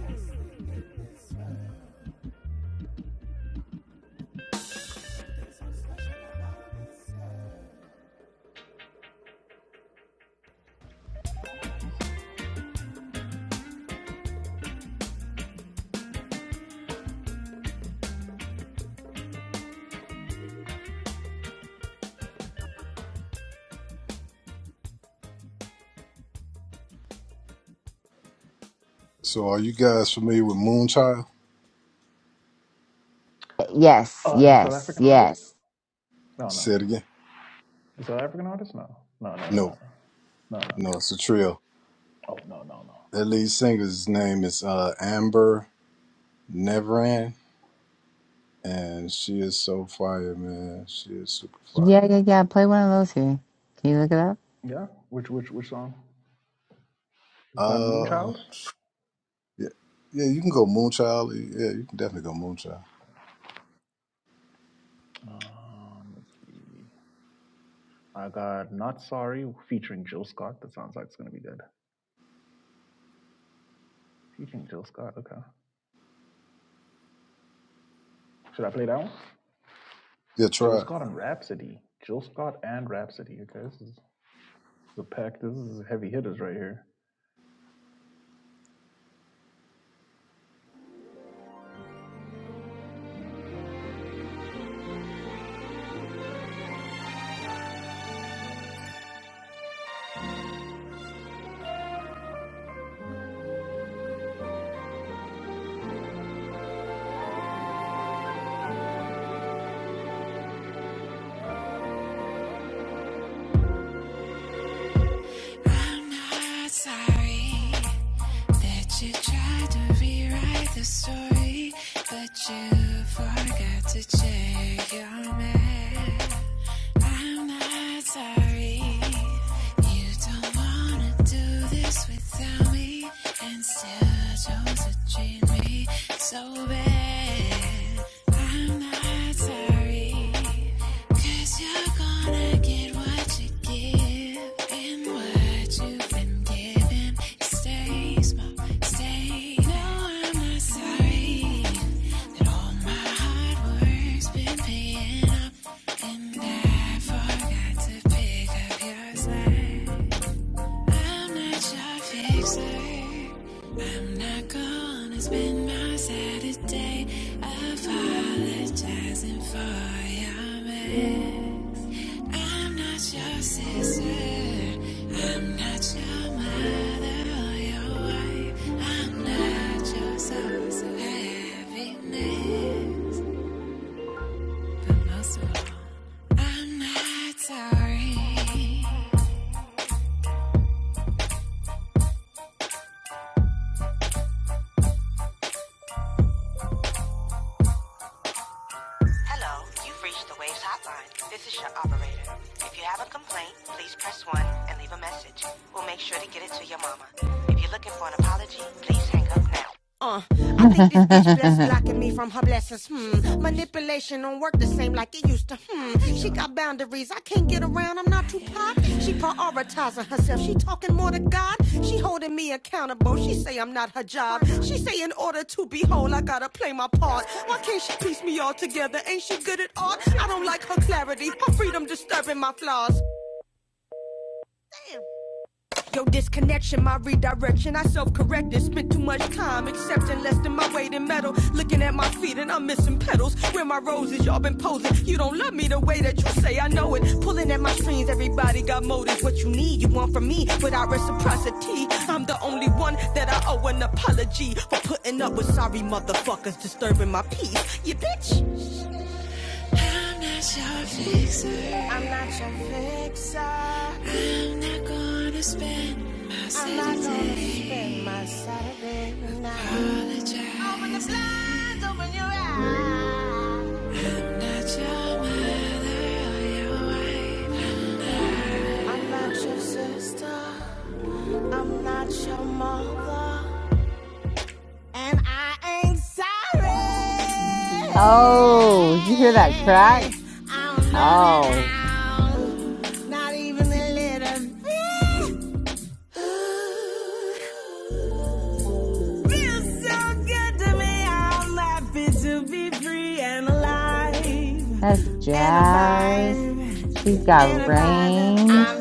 E: So, are you guys familiar with Moonchild?
B: Yes,
A: Oh, the South
B: yes,
A: African artist?
B: yes.
A: No, no.
E: Say it again.
A: The South African artist? No, no, no, no,
E: No,
A: no, no, no.
E: no,
A: Okay.
E: it's a trio.
A: Oh, no, no, no.
E: Their lead singer's name is uh, Amber Neveran, and she is so fire, man. She is super fire.
B: Yeah, yeah, yeah. Play one of those here. Can you look
A: Yeah. Which, which, which song? By
E: Uh,
A: Moonchild.
E: yeah, yeah, you can go Moonchild. Yeah, you can definitely go Moonchild.
A: Um, let's see. I got Not Sorry featuring Jill Scott. That sounds like it's gonna be good. Featuring Jill Scott. Okay. Should I play that one?
E: Yeah,
A: Jill
E: try. it.
A: Scott and Rhapsody. Jill Scott and Rhapsody. Okay, this is, this is a pack. This is heavy hitters right here.
B: it up? Oh, did you hear that crack? Oh, that's jazz. She's got range.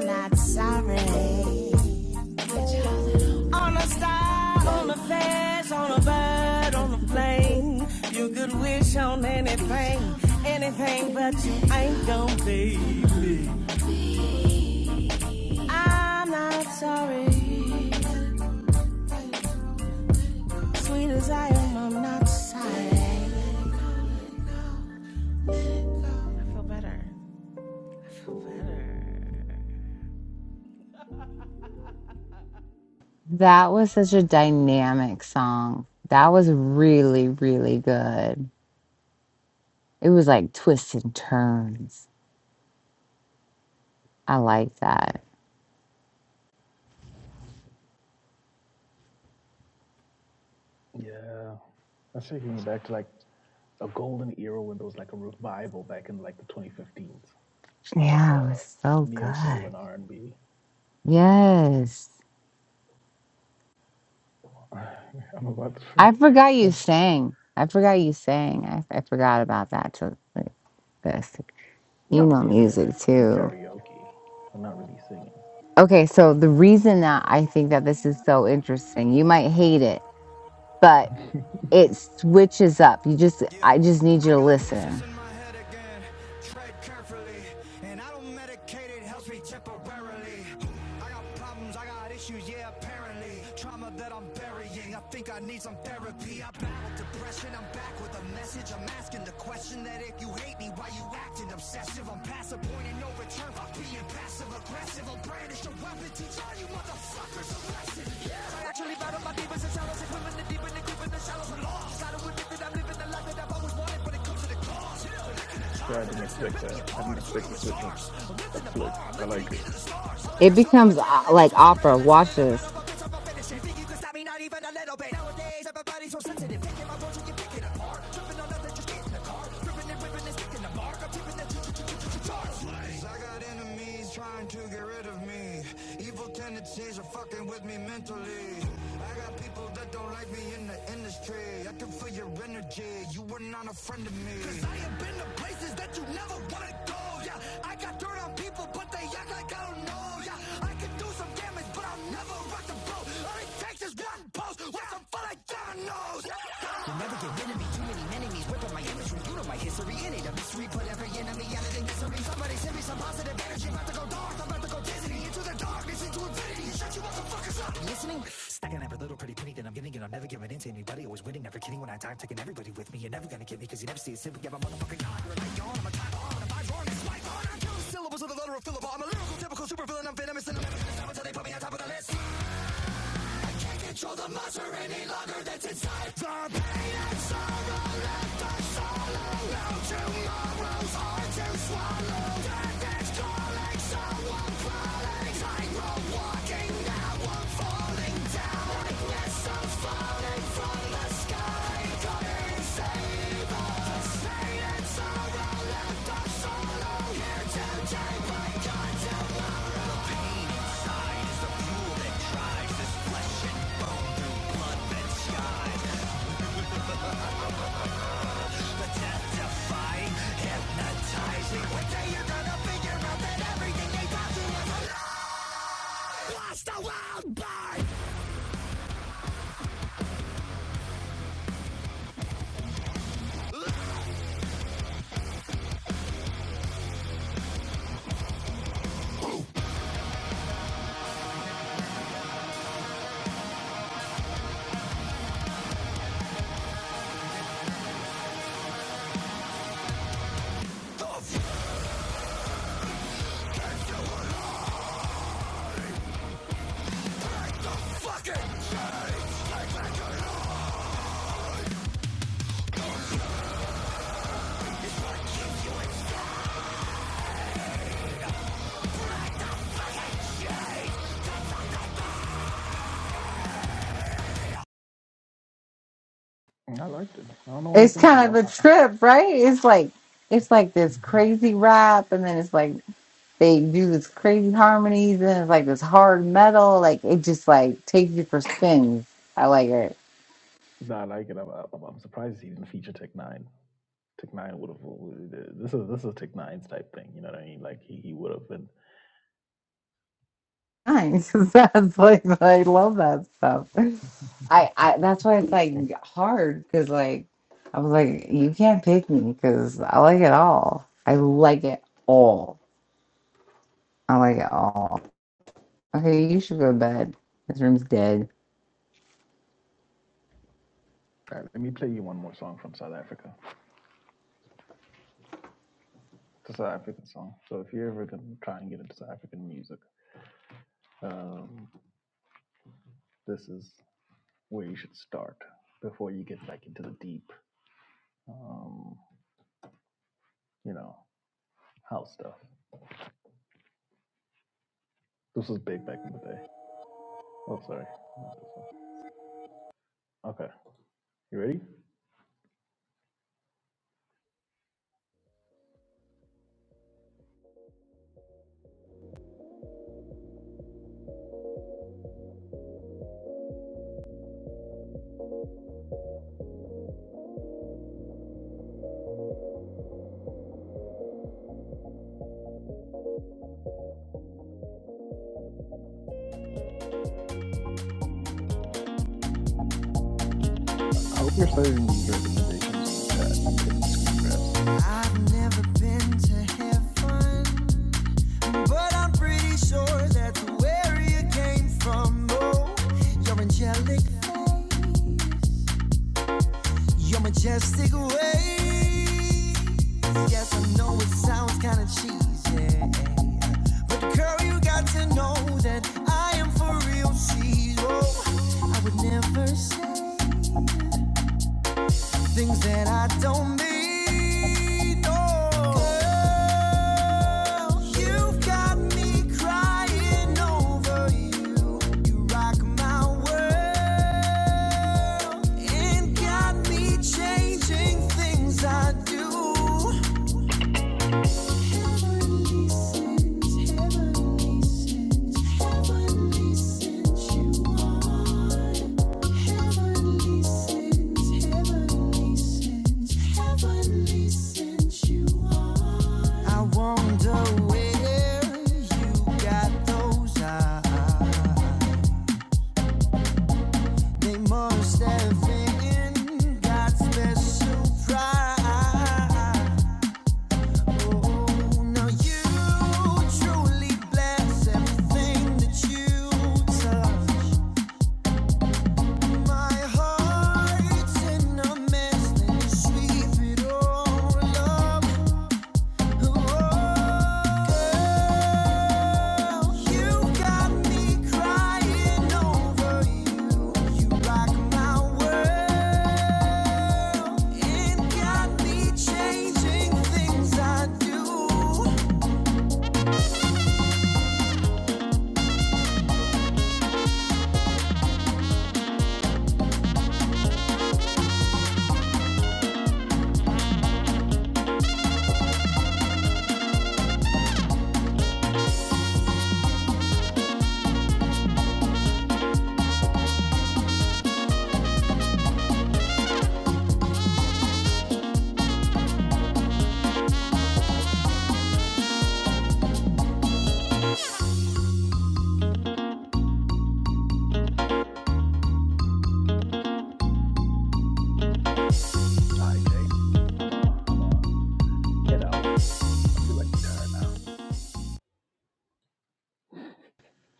B: That was such a dynamic song. That was really, really good. It was like twists and turns. I like that.
A: Yeah, that's taking me back to like a golden era when there was like a revival back in like the 2015s of
B: Yeah, it
A: uh,
B: was so
A: neo soul
B: good.
A: and r and B.
B: Yes.
A: am about to say,
B: I forgot you
A: well,
B: sang. I forgot you sang. I, I forgot about that. To like, this, you
A: not
B: know,
A: really. I did
B: music
A: do
B: too.
A: karaoke, but not really singing.
B: Okay, so the reason that I think that this is so interesting, you might hate it, but it switches up. You just, I just need you to listen.
A: yeah, I didn't expect that. I didn't expect the switch up. That's slick. I like it.
B: It becomes uh, like opera. Watch this.
A: I liked it. I don't know why you
B: It's
A: think.
B: kind
A: Why.
B: of a trip, right? It's like, it's like this crazy rap, and then it's like they do this crazy harmonies, and it's like this hard metal. Like it just like takes you for spins. I like it.
A: No, I like it. I'm, I'm, I'm surprised he didn't feature Tech Nine. Tech Nine would have. This is this is Tech Nine's type thing. You know what I mean? Like he, he would have been.
B: Nice. That's like I love that stuff. I I that's why it's like hard because like I was like you can't pick me because I like it all. I like it all. I like it all. Okay, you should go to bed. This room's dead.
A: All right, let me play you one more song from South Africa. It's a South African song. So if you're ever gonna try and get into South African music, um, this is where you should start before you get back into the deep, um, you know, house stuff. This was big back in the day. Oh, sorry, not this one. Okay, you ready? I hope you're saving these recommendations in the chat, taking screen grabs. All right, Jay. I'm a am a head out. I feel like retired now.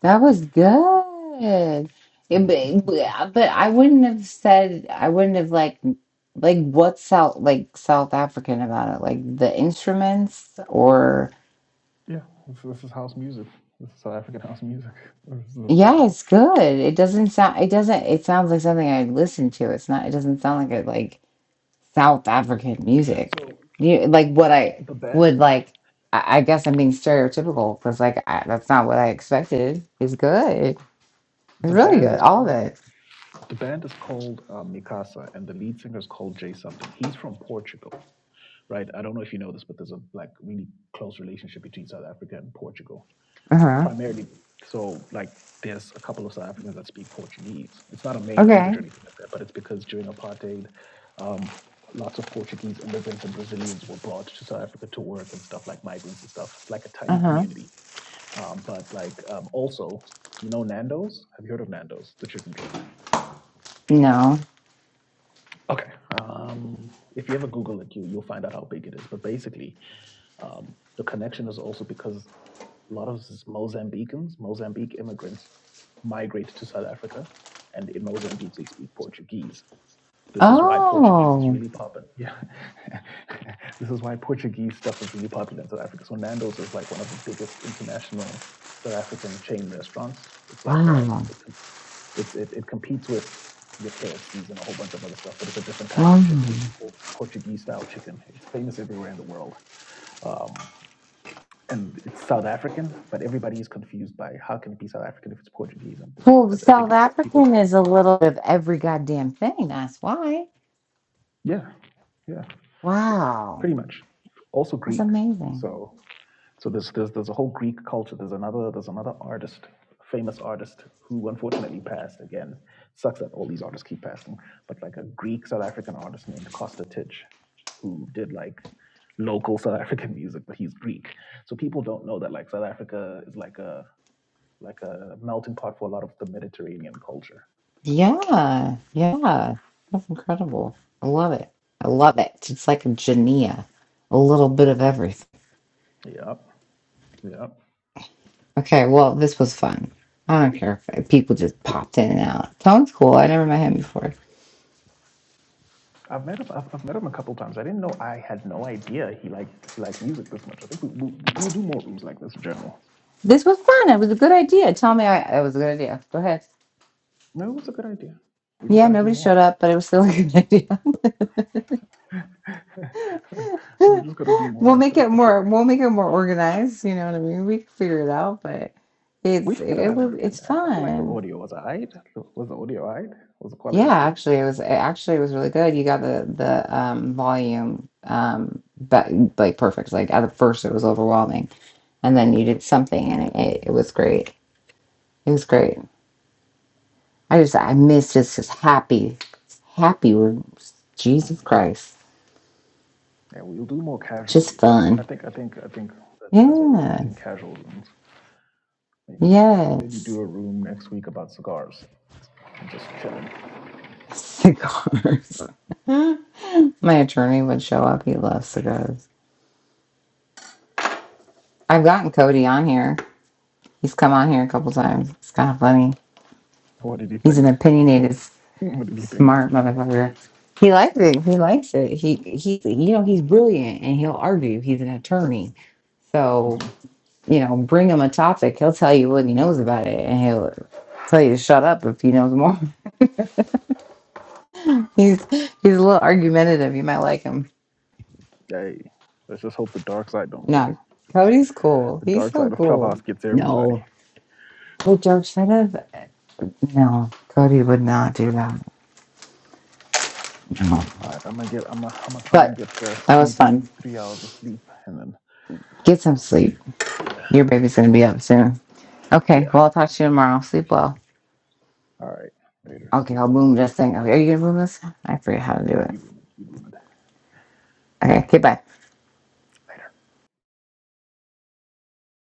B: That was good. Yeah, but, but but I wouldn't have said I wouldn't have like like what's South like South African about it like the instruments or.
A: Yeah, this, this is house music. This is South African house music. This is the
B: Yeah,
A: style.
B: it's good. It doesn't sound it doesn't it sounds like something i listen to. It's not it doesn't sound like a like South African music.
A: So
B: You like what I
A: the band,
B: would like I, I guess I'm being stereotypical because like I, that's not what I expected. It's good. It's
A: the
B: really
A: band
B: good.
A: is
B: All
A: called
B: of it.
A: the band is called uh, Mikasa, and the lead singer is called Jay something. He's from Portugal, right? I don't know if you know this, but there's a like really close relationship between South Africa and Portugal.
B: Uh-huh.
A: primarily, so like there's a couple of South Africans that speak Portuguese. It's not a main language
B: Okay.
A: or anything like that, but it's because during apartheid, um, lots of Portuguese immigrants and Brazilians were brought to South Africa to work and stuff like migrants and stuff. It's like a tiny
B: Uh-huh.
A: community. Um, but like um, also, you know Nando's? Have you heard of Nando's, the chicken joint?
B: No.
A: Okay. Um, if you ever Google it, you, you'll find out how big it is. But basically, um, the connection is also because a lot of this Mozambicans, Mozambique immigrants, migrate to South Africa, and in Mozambique they speak Portuguese. This is why Portuguese is
B: Oh.
A: really popular. Yeah, this is why Portuguese stuff is really popular in South Africa. So Nando's is like one of the biggest international South African chain restaurants. It's like um,
B: Wow.
A: it comp- it's it, it competes with your KFCs and a whole bunch of other stuff, but it's a different kind
B: Wow.
A: of chicken. It's called Portuguese style chicken. It's famous everywhere in the world. Um, and it's South African, but everybody is confused by how can it be South African if it's Portuguese? And
B: Well,
A: I think
B: South
A: it's because people,
B: African is a little bit of every goddamn thing. That's why.
A: yeah, yeah,
B: Wow.
A: pretty much. Also
B: That's
A: Greek.
B: amazing.
A: So, so there's there's there's a whole Greek culture. There's another there's another artist, famous artist who unfortunately passed again. Sucks that all these artists keep passing, but like a Greek South African artist named Costa Titch, who did like local South African music, but he's Greek. So people don't know that like South Africa is like a like a melting pot for a lot of the Mediterranean culture.
B: Yeah, yeah. That's incredible. I love it. I love it. It's like a Jania, a little bit of everything.
A: Yeah, yeah.
B: Okay, well, this was fun. I don't care if people just popped in and out. Tone's cool. I never met him before.
A: I've met him. I've, I've met him a couple times. I didn't know. I had no idea he liked he liked music this much. I think we, we we'll do more rooms like this in general.
B: This was fun. It was a good idea. Tell me I, it was a good idea. Go ahead.
A: No, it was a good idea. We just
B: Yeah,
A: got to do
B: nobody showed
A: more.
B: up, but it was still a good idea.
A: we just got to do
B: we'll
A: more.
B: make it
A: That's the trick.
B: more we'll make it more organized, you know what I mean? We can figure it out, but
A: We
B: it's
A: figured it
B: it
A: out in
B: was
A: the
B: it's
A: end. I, I feel like the
B: fun.
A: audio was alright. Was the audio alright? Was the
B: Yeah,
A: quality cool?
B: actually, it was it actually was really good. You got the the um, volume um, but like perfect. Like at first, it was overwhelming, and then you did something, and it, it, it was great. It was great. I just I miss just his happy, happy. word. Jesus Christ,
A: Yeah, we'll do more casual
B: just
A: rooms. I
B: fun.
A: think. I think. I think that, that's what we're
B: Yeah.
A: missing. Casual rooms. Maybe maybe do
B: Yes.
A: a room next week about cigars. I'm just chilling.
B: Cigars. My attorney would show up. He loves cigars. I've gotten Cody on here. He's come on here a couple times. It's kind of funny.
A: What did he
B: He's an
A: think?
B: opinionated,
A: what did he think?
B: smart motherfucker. He likes it. He likes it. He he. You know, he's brilliant, and he'll argue. He's an attorney, so
A: Mhm.
B: you know, bring him a topic. He'll tell you what he knows about it, and he'll tell you to shut up if he knows more. he's he's a little argumentative. You might like him.
A: Hey, let's just hope the dark side don't get him.
B: No,
A: Just put-
B: Cody's cool.
A: The
B: He's
A: dark
B: so
A: side of
B: cool.
A: Clubhouse gets everybody.
B: No, well, George said it. No, Cody would not do that. No,
A: All right, I'm gonna get. I'm gonna. I'm gonna try and
B: but
A: get the
B: that was
A: squeeze in
B: fun.
A: three hours of sleep, and then
B: Get some sleep.
A: yeah,
B: Your baby's gonna be up soon. Okay,
A: yeah.
B: well I'll talk to you tomorrow. Sleep well.
A: All right, later.
B: Okay,
A: Sleep
B: I'll
A: well.
B: boom this thing. Okay, Are you gonna boom this? I forget how to do
A: No,
B: it.
A: you boom it. You boom it.
B: Okay, okay, bye.